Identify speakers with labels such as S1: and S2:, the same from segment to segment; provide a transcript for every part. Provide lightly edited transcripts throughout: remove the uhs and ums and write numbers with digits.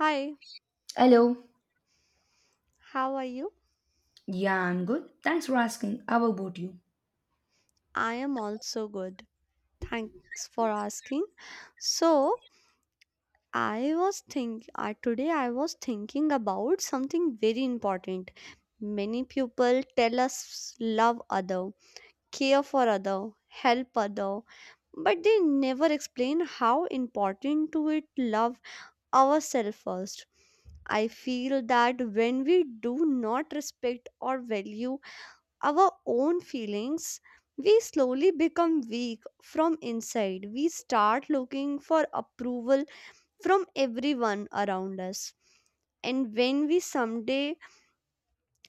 S1: Hi,
S2: Hello.
S1: how are you?
S2: Yeah, I'm good. Thanks for asking. How about you?
S1: I am also good. Thanks for asking. So, I was think Today I was thinking about something very important. Many people tell us love other, care for other, help other, but they never explain how important to it love ourselves first. I feel that when we do not respect or value our own feelings, we slowly become weak from inside. We start looking for approval from everyone around us. And when we someday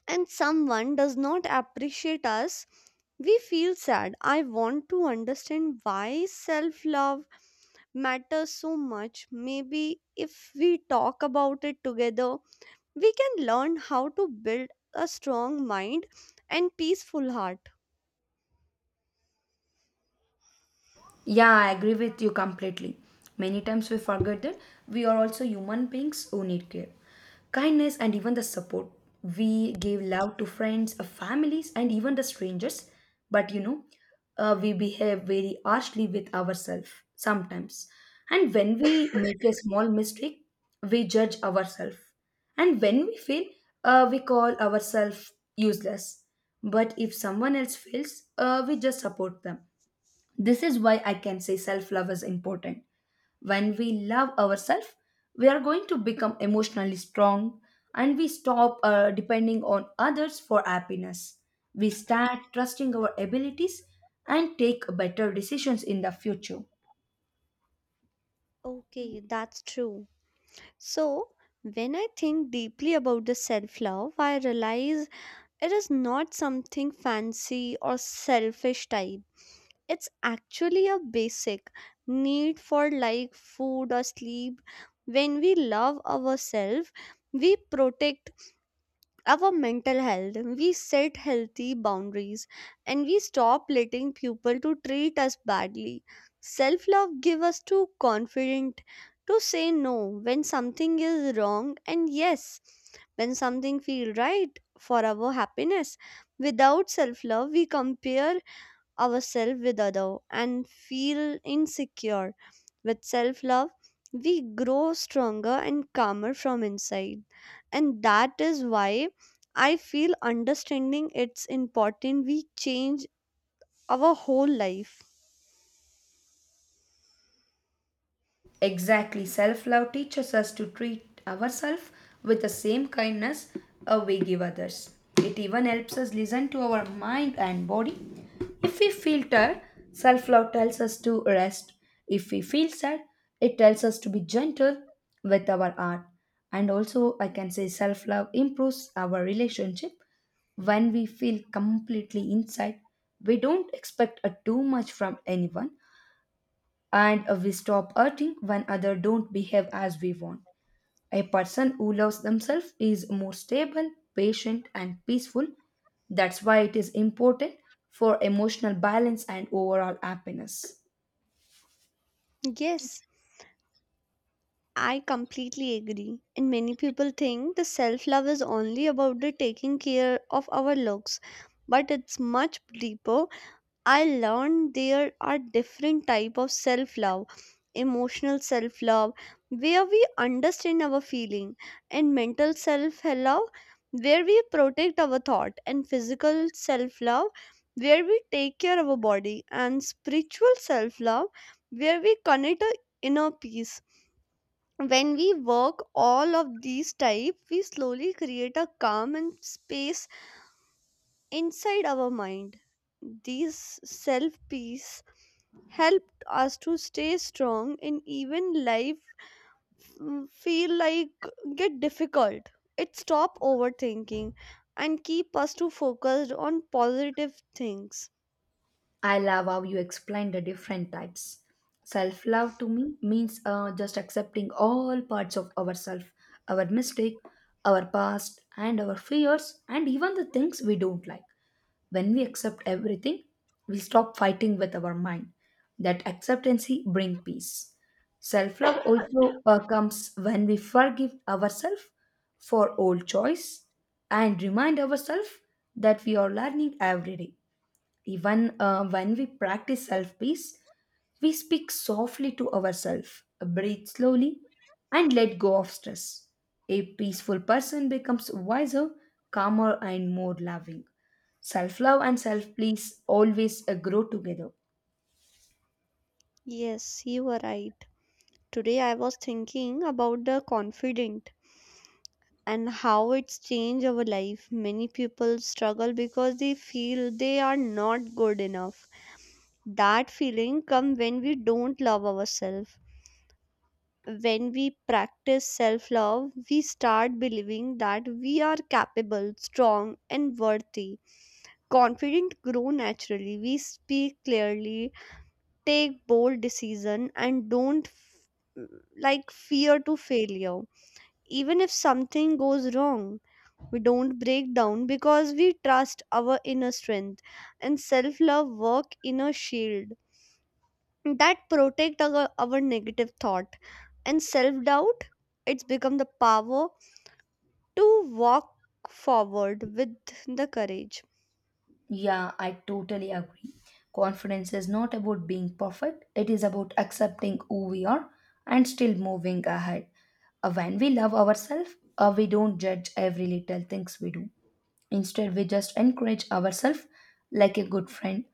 S1: and someone does not appreciate us, we feel sad. I want to understand why self love matters so much. Maybe if we talk about it together, we can learn how to build a strong mind and peaceful heart.
S2: Yeah, I agree with you completely. Many times we forget that we are also human beings who need care, kindness, and even the support. We give love to friends, families, and even the strangers, but we behave very harshly with ourselves sometimes. And when we make a small mistake, we judge ourselves. And when we fail, we call ourselves useless. But if someone else fails, we just support them. This is why I can say self love is important. When we love ourselves, we are going to become emotionally strong and we stop depending on others for happiness. We start trusting our abilities and take better decisions in the future.
S1: Okay, that's true. So, when I think deeply about the self love, I realize it is not something fancy or selfish type. It's actually a basic need for like food or sleep. When we love ourselves, we protect our mental health, we set healthy boundaries, and we stop letting people to treat us badly. Self love give us to confident to say no when something is wrong and yes when something feel right for our happiness. Without self love, we compare ourselves with other and feel insecure. With self-love, we grow stronger and calmer from inside. And that is why I feel understanding it's important we change our whole life.
S2: Exactly, self love teaches us to treat ourselves with the same kindness we give others. It even helps us listen to our mind and body. If we feel tired, self love tells us to rest. If we feel sad, it tells us to be gentle with our heart. And also, I can say self love improves our relationship when we feel completely inside. We don't expect too much from anyone and we stop hurting when others don't behave as we want. A person who loves themselves is more stable, patient, and peaceful. That's why it is important for emotional balance and overall happiness.
S1: Yes, I completely agree. And many people think the self love is only about the taking care of our looks, but it's much deeper. I learned there are different type of self-love: emotional self-love where we understand our feeling, and mental self-love where we protect our thought, and physical self-love where we take care of our body, and spiritual self-love where we connect our inner peace. When we work all of these type, we slowly create a calm and space inside our mind. These self peace helped us to stay strong, and even life feel like get difficult. It stop overthinking and keep us to focused on positive things.
S2: I love how you explain the different types. Self love to me means just accepting all parts of ourselves, our mistake, our past, and our fears, and even the things we don't like. When we accept everything, we stop fighting with our mind. That acceptancy brings peace. Self love also comes when we forgive ourselves for old choice and remind ourselves that we are learning every day. Even when we practice self peace, we speak softly to ourselves, breathe slowly, and let go of stress. A peaceful person becomes wiser, calmer, and more loving. Self love and self please always grow together.
S1: Yes, you are right. Today I was thinking about the confident and how it's changed our life. Many people struggle because they feel they are not good enough. That feeling comes when we don't love ourselves. When we practice self love, we start believing that we are capable, strong, and worthy. Confident grow naturally. We speak clearly, take bold decision, and don't f- like fear to failure. Even if something goes wrong, we don't break down because we trust our inner strength, and self love work inner shield that protect our negative thought and self-doubt. It's become the power to walk forward with the courage.
S2: Yeah, I totally agree. Confidence is not about being perfect, it is about accepting who we are and still moving ahead. When we love ourselves, we don't judge every little things we do. Instead, we just encourage ourselves like a good friend.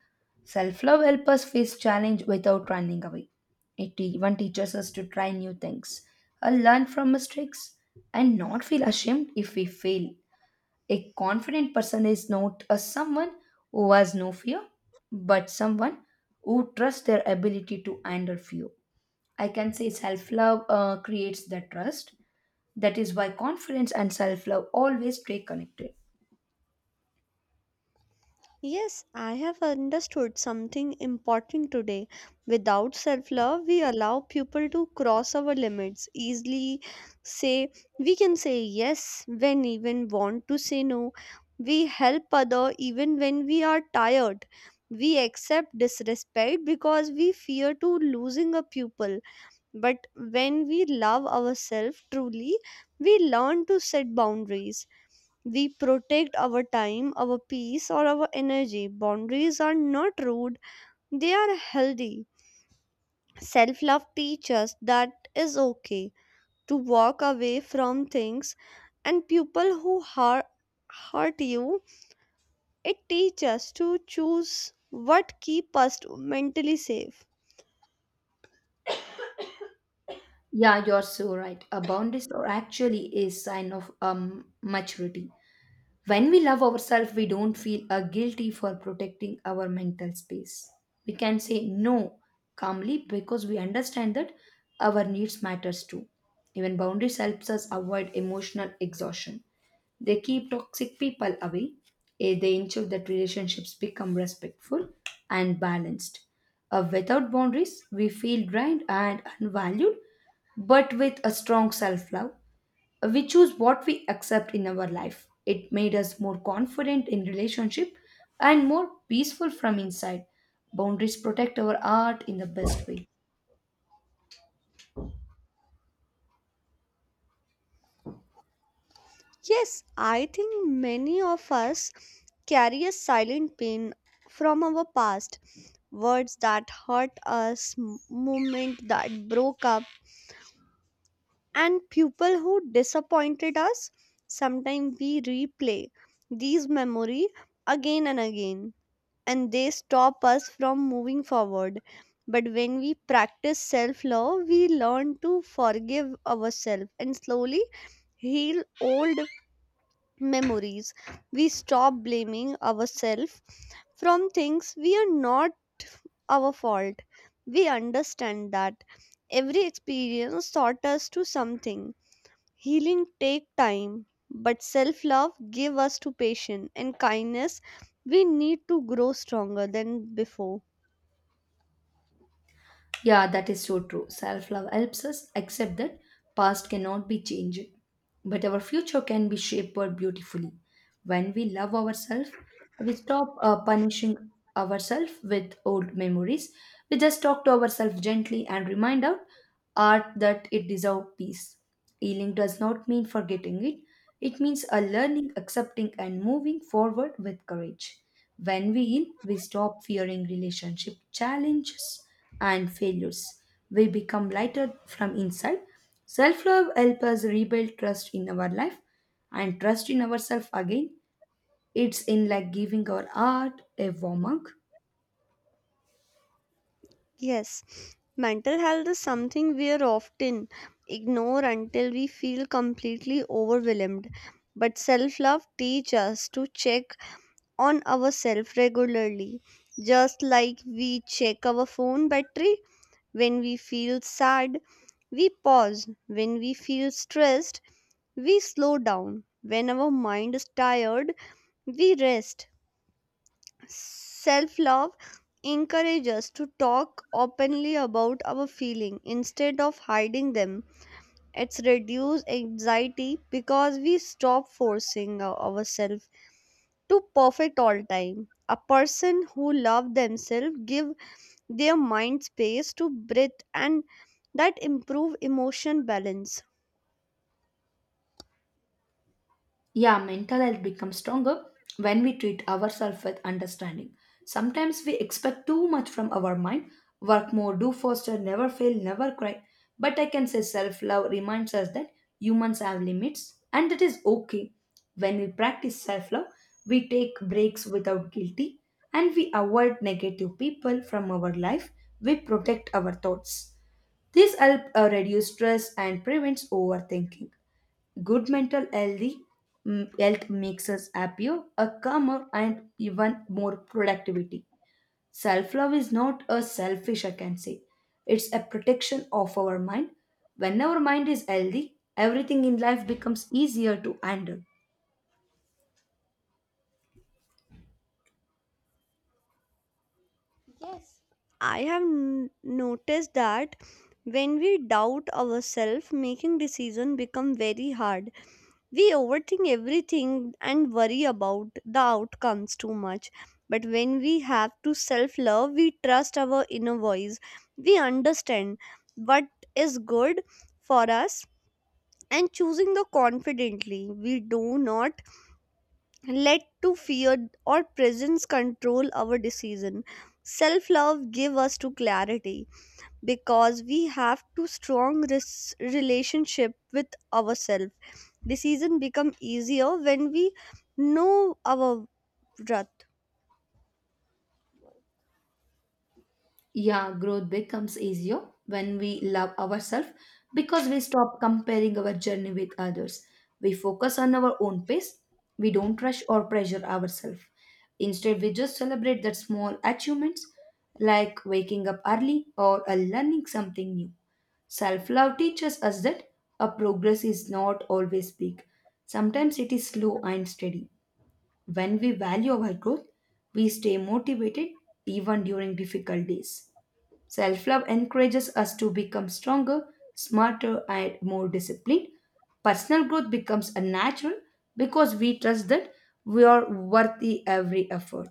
S2: Self love helps us face challenge without running away. It even teaches us to try new things, learn from mistakes, and not feel ashamed if we fail. A confident person is not a someone who has no fear, but someone who trusts their ability to handle fear. I can say self love creates that trust. That is why confidence and self love always stay connected.
S1: Yes, I have understood something important today. Without self love, we allow people to cross our limits easily. Say, we can say yes when even want to say no. We help other even when we are tired. We accept disrespect because we fear to losing a pupil. But when we love ourselves truly, we learn to set boundaries. We protect our time, our peace, or our energy. Boundaries are not rude, they are healthy. Self love teaches us that is okay to walk away from things and people who hurt you. It teaches us to choose what keep us mentally safe.
S2: Yeah, you're so right. A boundary, are actually is sign of maturity. When we love ourselves, we don't feel guilty for protecting our mental space. We can say no calmly because we understand that our needs matters too. Even boundaries helps us avoid emotional exhaustion. They keep toxic people away. They ensure that relationships become respectful and balanced. Without boundaries, we feel drained and unvalued, but with a strong self love, we choose what we accept in our life. It made us more confident in relationship and more peaceful from inside. Boundaries protect our art in the best way.
S1: Yes, I think many of us carry a silent pain from our past. Words that hurt us, moment that broke up, and people who disappointed us. Sometimes we replay these memory again and again, and they stop us from moving forward. But when we practice self love, we learn to forgive ourselves and slowly heal old memories. We stop blaming ourselves from things we are not our fault. We understand that every experience taught us to something. Healing take time, but self-love give us to patience and kindness. We need to grow stronger than before.
S2: Yeah, that is so true. Self love helps us accept that past cannot be changed, but our future can be shaped beautifully. When we love ourselves, we stop punishing ourselves with old memories. We just talk to ourselves gently and remind our art that it deserves peace. Healing does not mean forgetting it. It means a learning, accepting, and moving forward with courage. When we heal, we stop fearing relationship challenges and failures. We become lighter from inside. Self love helps us rebuild trust in our life and trust in ourselves again. It's in like giving our art a warm up.
S1: Yes, mental health is something we are often ignore until we feel completely overwhelmed. But self love teaches us to check on ourselves regularly, just like we check our phone battery when we feel sad. We pause when we feel stressed. We slow down. When our mind is tired, we rest. Self love encourages us to talk openly about our feelings instead of hiding them. It's reduced anxiety because we stop forcing ourselves to perfect all time. A person who love themselves give their mind space to breathe, and that improve emotion balance.
S2: Yeah, mental health becomes stronger when we treat ourselves with understanding. Sometimes we expect too much from our mind, work more, do faster, never fail, never cry. But I can say self love reminds us that humans have limits and it is okay. When we practice self love, we take breaks without guilty and we avoid negative people from our life. We protect our thoughts. This helps reduce stress and prevents overthinking. Good mental healthy health makes us happier, a calmer, and even more productivity. Self love is not a selfish, I can say. It's a protection of our mind. When our mind is healthy, everything in life becomes easier to handle.
S1: I have n- noticed that when we doubt ourselves, making decision become very hard. We overthink everything and worry about the outcomes too much. But when we have to self love, we trust our inner voice. We understand what is good for us and choosing the confidently. We do not let to fear or presence control our decision. Self love give us to clarity because we have to strong relationship with ourselves. Decision become easier when we know our breath.
S2: Yeah, growth becomes easier when we love ourselves because we stop comparing our journey with others. We focus on our own pace. We don't rush or pressure ourselves. Instead, we just celebrate that small achievements like waking up early or learning something new. Self love teaches us that a progress is not always big. Sometimes it is slow and steady. When we value our growth, we stay motivated even during difficult days. Self love encourages us to become stronger, smarter, and more disciplined. Personal growth becomes a natural because we trust that we are worthy every effort.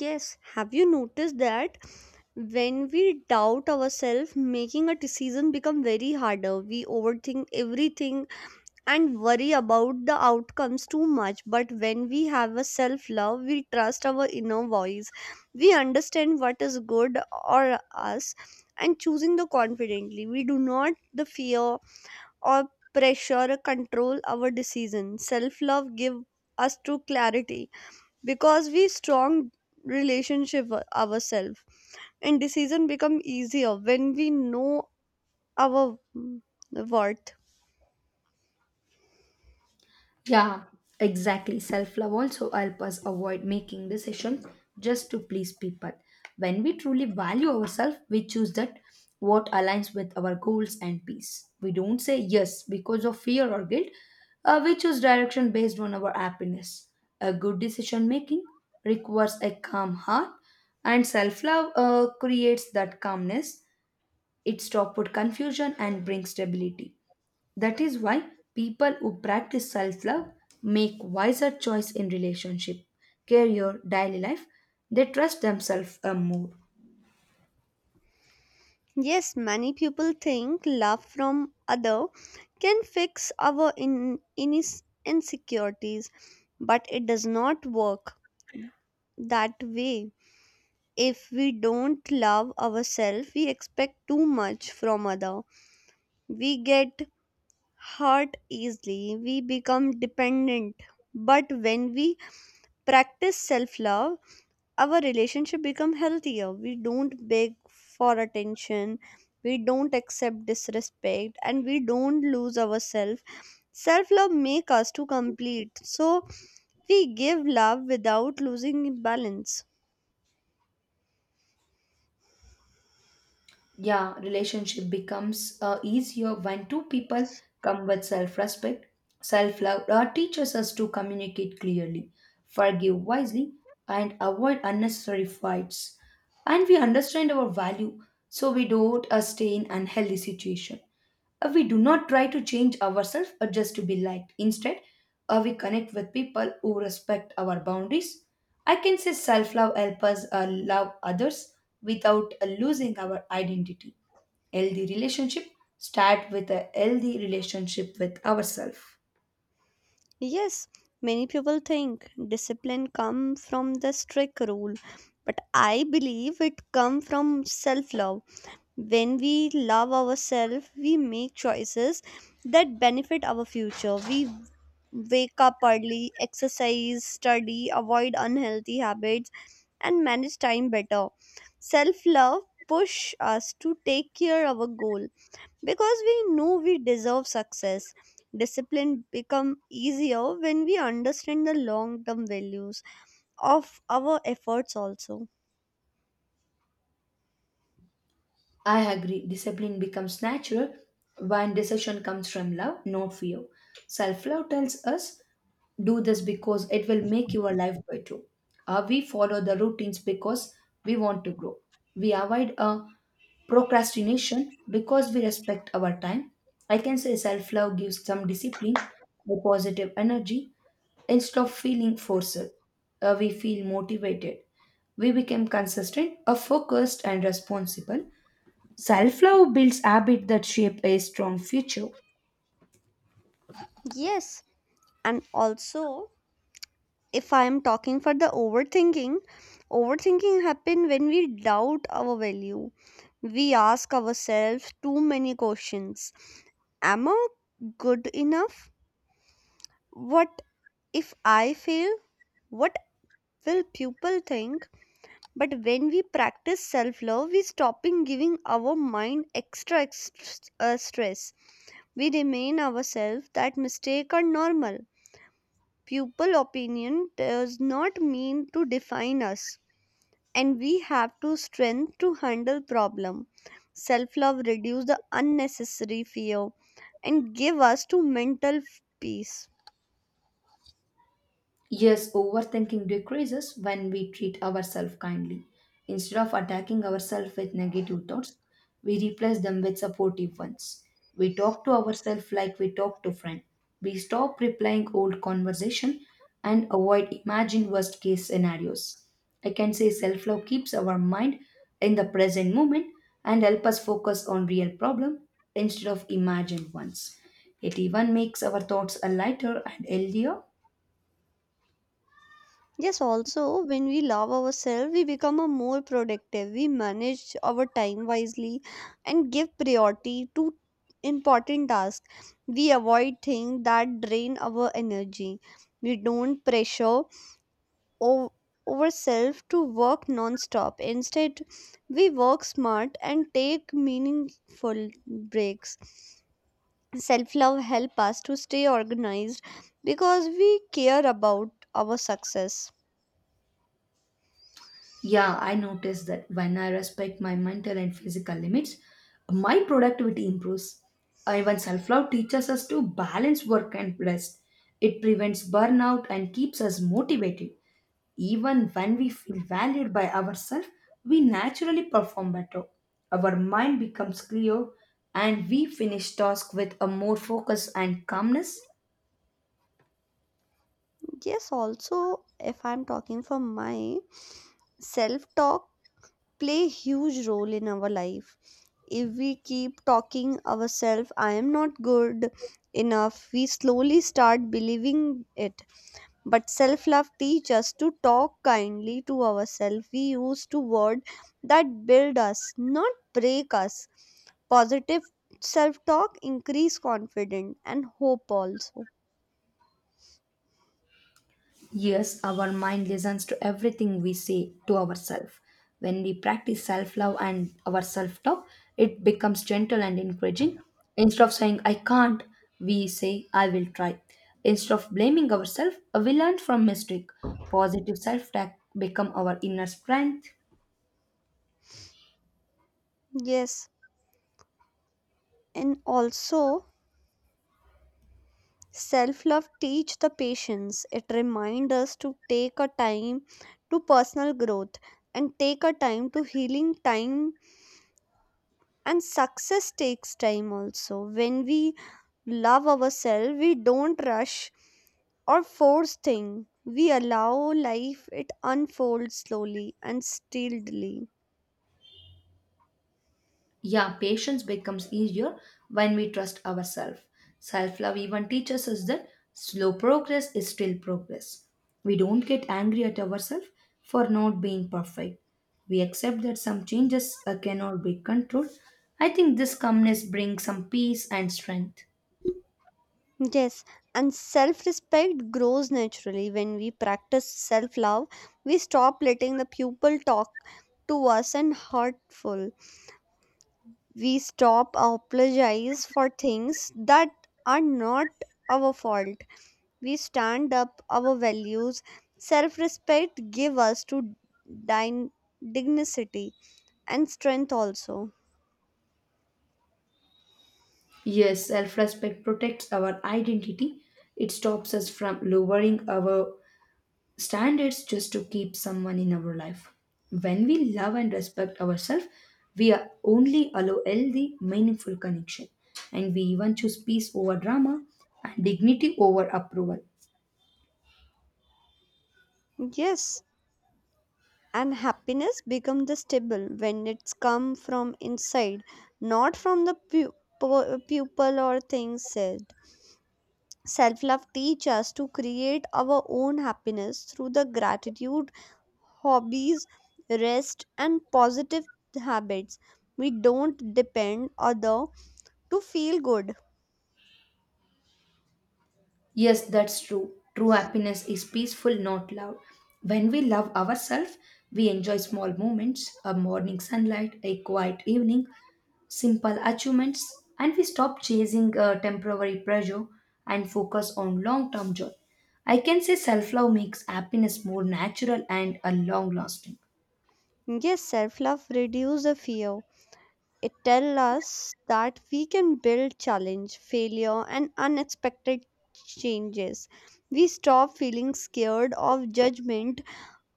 S1: Yes, have you noticed that when we doubt ourselves, making a decision become very harder? We overthink everything and worry about the outcomes too much. But when we have a self love, we trust our inner voice. We understand what is good or us, and choosing the confidently. We do not the fear or pressure control our decision. Self love give us to clarity because we strong relationship ourselves, and decision become easier when we know our worth.
S2: Yeah, exactly. Self love also help us avoid making decisions just to please people. When we truly value ourselves, we choose that what aligns with our goals and peace. We don't say yes because of fear or guilt. We choose direction based on our happiness. A good decision making requires a calm heart, and self love creates that calmness. It stops confusion and brings stability. That is why people who practice self love make wiser choice in relationship, career, daily life. They trust themselves more.
S1: Yes, many people think love from other can fix our in, inis insecurities, but it does not work that way. If we don't love ourselves, we expect too much from other. We get hurt easily. We become dependent. But when we practice self-love, our relationship become healthier. We don't beg for attention, we don't accept disrespect, and we don't lose ourselves. Self love make us to complete, so we give love without losing balance.
S2: Yeah, relationship becomes easier when two people come with self-respect. Self-love teaches us to communicate clearly, forgive wisely, and avoid unnecessary fights, and we understand our value, so we don't stay in unhealthy situation. We do not try to change ourselves or just to be liked. Instead, we connect with people who respect our boundaries. I can say self love helps us love others without losing our identity. Healthy relationship start with a healthy relationship with ourselves.
S1: Yes, many people think discipline come from the strict rule, but I believe it come from self love. When we love ourselves, we make choices that benefit our future. We wake up early, exercise, study, avoid unhealthy habits, and manage time better. Self love push us to take care of our goal because we know we deserve success. Discipline become easier when we understand the long term values of our efforts also.
S2: I agree. Discipline becomes natural when decision comes from love, not fear. Self love tells us, do this because it will make your life better. We follow the routines because we want to grow. We avoid procrastination because we respect our time. I can say self love gives some discipline, a positive energy. Instead of feeling forced, we feel motivated. We become consistent, focused, and responsible. Self love builds habits that shape a strong future.
S1: Yes, and also, if I am talking for the overthinking, overthinking happen when we doubt our value. We ask ourselves too many questions. Am I good enough? What if I fail? What will people think? But when we practice self love, we stopping giving our mind extra stress. We remain ourselves that mistake are normal, pupil opinion does not mean to define us, and we have to strength to handle problem. Self love reduce the unnecessary fear and give us to mental peace.
S2: Yes, overthinking decreases when we treat ourselves kindly. Instead of attacking ourselves with negative thoughts, we replace them with supportive ones. We talk to ourselves like we talk to friend. We stop replaying old conversation and avoid imagined worst case scenarios. I can say self-love keeps our mind in the present moment and help us focus on real problem instead of imagined ones. It even makes our thoughts a lighter and healthier.
S1: Yes, also when we love ourselves, we become a more productive. We manage our time wisely and give priority to important tasks. We avoid things that drain our energy. We don't pressure o- ourselves to work non-stop. Instead, we work smart and take meaningful breaks. Self-love help us to stay organized because we care about our success.
S2: Yeah, I noticed that when I respect my mental and physical limits, my productivity improves. Even self love teaches us to balance work and rest. It prevents burnout and keeps us motivated. Even when we feel valued by ourselves, we naturally perform better. Our mind becomes clear and we finish tasks with a more focus and calmness.
S1: Yes, also, if I'm talking for my self-talk, play a huge role in our life. If we keep talking ourselves I am not good enough, we slowly start believing it. But self love teaches us to talk kindly to ourselves. We use to word that build us, not break us. Positive self talk increase confidence and hope also.
S2: Yes, our mind listens to everything we say to ourselves. When we practice self love and our self talk, it becomes gentle and encouraging. Instead of saying, I can't, we say, I will try. Instead of blaming ourselves, we learn from mistake. Positive self talk become our inner strength.
S1: Yes, and also self love teach the patience. It reminds us to take a time to personal growth and take a time to healing time and success takes time also. When we love ourselves, we don't rush or force thing. We allow life it unfolds slowly and steadily.
S2: Yeah, patience becomes easier when we trust ourselves. Self love even teaches us that slow progress is still progress. We don't get angry at ourselves for not being perfect. We accept that some changes cannot be controlled. I think this calmness brings some peace and strength.
S1: Yes, and self respect grows naturally when we practice self love. We stop letting the people talk to us and hurtful. We stop apologize for things that are not our fault. We stand up our values. Self respect give us to din- dignity and strength also.
S2: Yes, self respect protects our identity. It stops us from lowering our standards just to keep someone in our life. When we love and respect ourselves, we are only allow healthy, meaningful connection, and we even choose peace over drama and dignity over approval.
S1: Yes, and happiness become the stable when it's come from inside, not from the people or things said. Self love teach us to create our own happiness through the gratitude, hobbies, rest, and positive habits. We don't depend other to feel good.
S2: Yes, that's true. True happiness is peaceful, not loud. When we love ourselves, we enjoy small moments, a morning sunlight, a quiet evening, simple achievements, and we stop chasing temporary pleasure and focus on long term joy. I can say self love makes happiness more natural and a long lasting.
S1: Yes, self love reduce the fear. It tells us that we can build challenge, failure, and unexpected changes. We stop feeling scared of judgment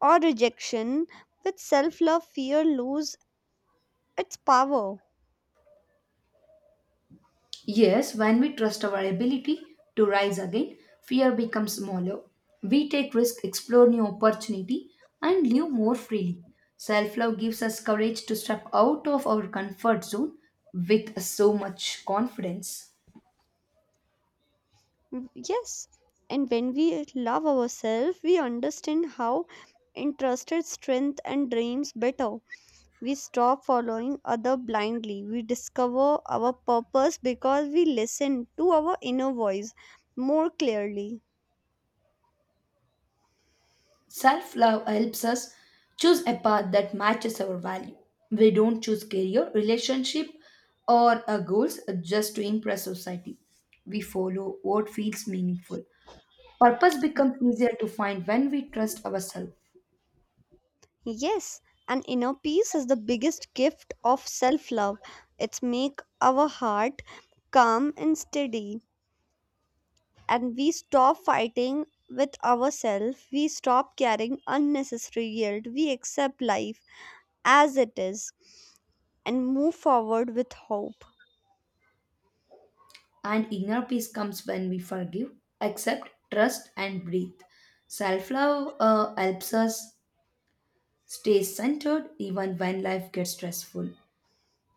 S1: or rejection. With self love, fear lose its power.
S2: Yes, when we trust our ability to rise again, fear becomes smaller. We take risk, explore new opportunity, and live more freely. Self love gives us courage to step out of our comfort zone with so much confidence.
S1: Yes, and when we love ourselves, we understand how interested strength and dreams better. We stop following other blindly. We discover our purpose because we listen to our inner voice more clearly.
S2: Self love helps us choose a path that matches our value. We don't choose career, relationship, or our goals just to impress society. We follow what feels meaningful. Purpose becomes easier to find when we trust ourselves,
S1: Yes, an inner peace is the biggest gift of self-love. It's make our heart calm and steady, and we stop fighting with ourselves. We stop carrying unnecessary guilt. We accept life as it is and move forward with hope.
S2: and inner peace comes when we forgive, accept, trust, and breathe. Self love helps us stay centered even when life gets stressful.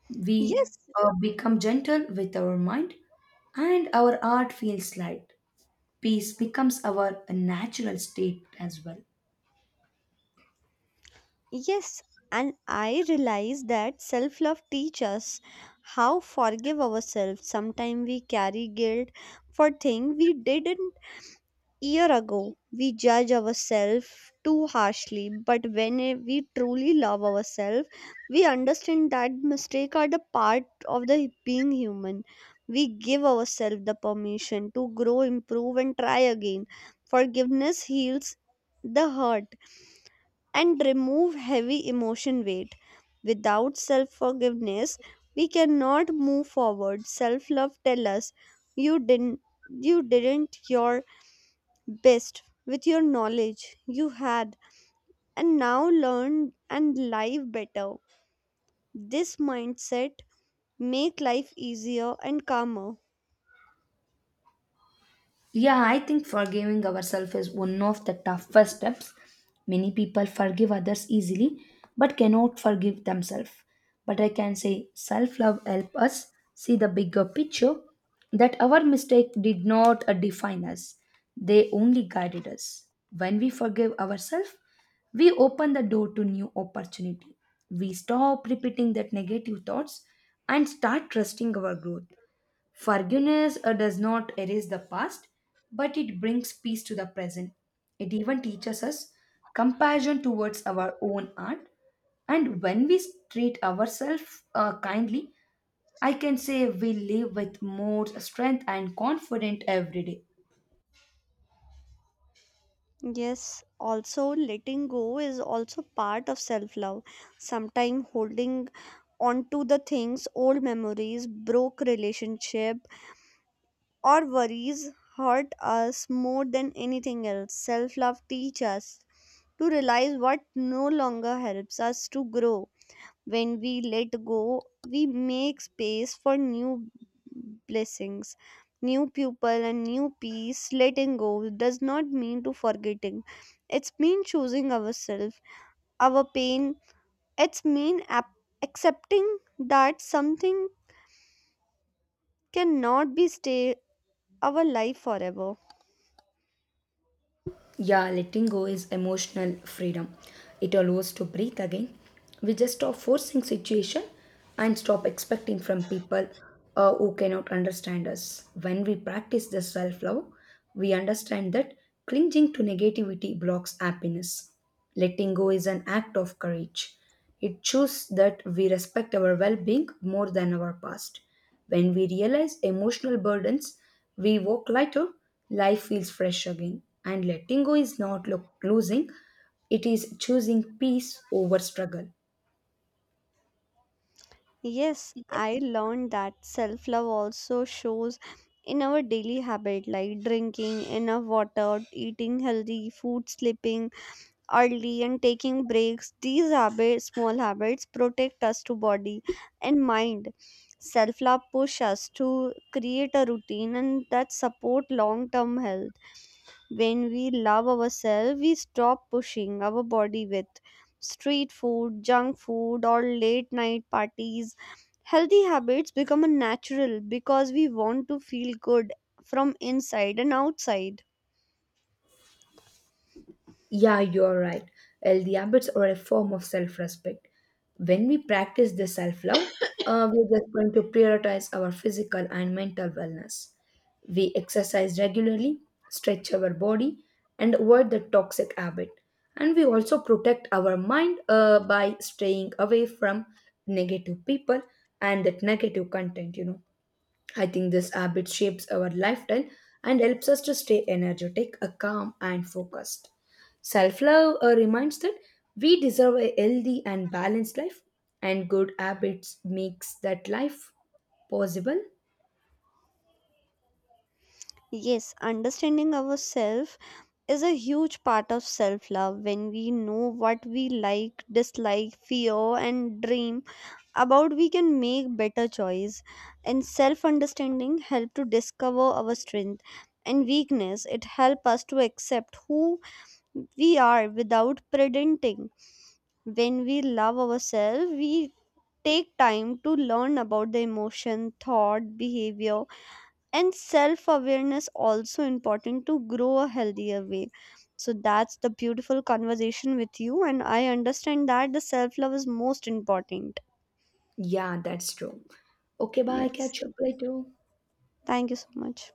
S2: We
S1: Yes,
S2: become gentle with our mind and our art feels light. Peace becomes our natural state as well.
S1: Yes, and I realize that self love teaches us how forgive ourselves. Sometimes we carry guilt for things we didn't year ago. We judge ourselves too harshly, but when we truly love ourselves, we understand that mistakes are the part of the being human. We give ourselves the permission to grow, improve, and try again. Forgiveness heals the hurt and remove heavy emotion weight. Without self forgiveness, we cannot move forward. Self love tells us you didn't you didn't your best with your knowledge you had, and now learn and live better. This mindset make life easier and calmer.
S2: Yeah, I think forgiving ourselves is one of the toughest steps. Many people forgive others easily but cannot forgive themselves. But I can say self love helps us see the bigger picture that our mistake did not define us, they only guided us. When we forgive ourselves, we open the door to new opportunity. We stop repeating that negative thoughts and start trusting our growth. Forgiveness does not erase the past, but it brings peace to the present. It even teaches us compassion towards our own art. And when we treat ourselves kindly, I can say we live with more strength and confident every day.
S1: Yes, also letting go is also part of self love. Sometimes holding on to the things, old memories, broke relationship, or worries hurt us more than anything else. Self love teaches us to realize what no longer helps us to grow. When we let go, we make space for new blessings, new people, and new peace. Letting go does not mean to forgetting. It's mean choosing ourselves, our pain. It's mean accepting that something cannot be stay our life forever.
S2: Yeah, letting go is emotional freedom. It allows to breathe again. We just stop forcing situation and stop expecting from people who cannot understand us. When we practice the self-love, we understand that clinging to negativity blocks happiness. Letting go is an act of courage. It shows that we respect our well being more than our past. When we realize emotional burdens, we walk lighter, life feels fresh again. And letting go is not losing, it is choosing peace over struggle.
S1: Yes, I learned that self love also shows in our daily habit like drinking enough water, eating healthy food, sleeping early, and taking breaks. These habits, small habits, protect us to body and mind. Self love push us to create a routine, and that support long term health. When we love ourselves, we stop pushing our body with street food, junk food, or late night parties. Healthy habits become a natural because we want to feel good from inside and outside.
S2: Yeah, you're right. Healthy habits are a form of self respect. When we practice this self love, we're just going to prioritize our physical and mental wellness. We exercise regularly, stretch our body, and avoid the toxic habit. And we also protect our mind by staying away from negative people and that negative content, I think this habit shapes our lifestyle and helps us to stay energetic, calm, and focused. Self love reminds that we deserve a healthy and balanced life, and good habits makes that life possible.
S1: Yes, understanding ourselves is a huge part of self love. When we know what we like, dislike, fear, and dream about, we can make better choice, and self understanding help to discover our strength and weakness. It help us to accept who we are without pretending. When we love ourselves, we take time to learn about the emotion thought behavior, and self awareness also important to grow a healthier way. So that's the beautiful conversation with you, and I understand that the self love is most important.
S2: Yeah, that's true. Okay, bye.
S1: Yes,
S2: Catch up later.
S1: thank you so much.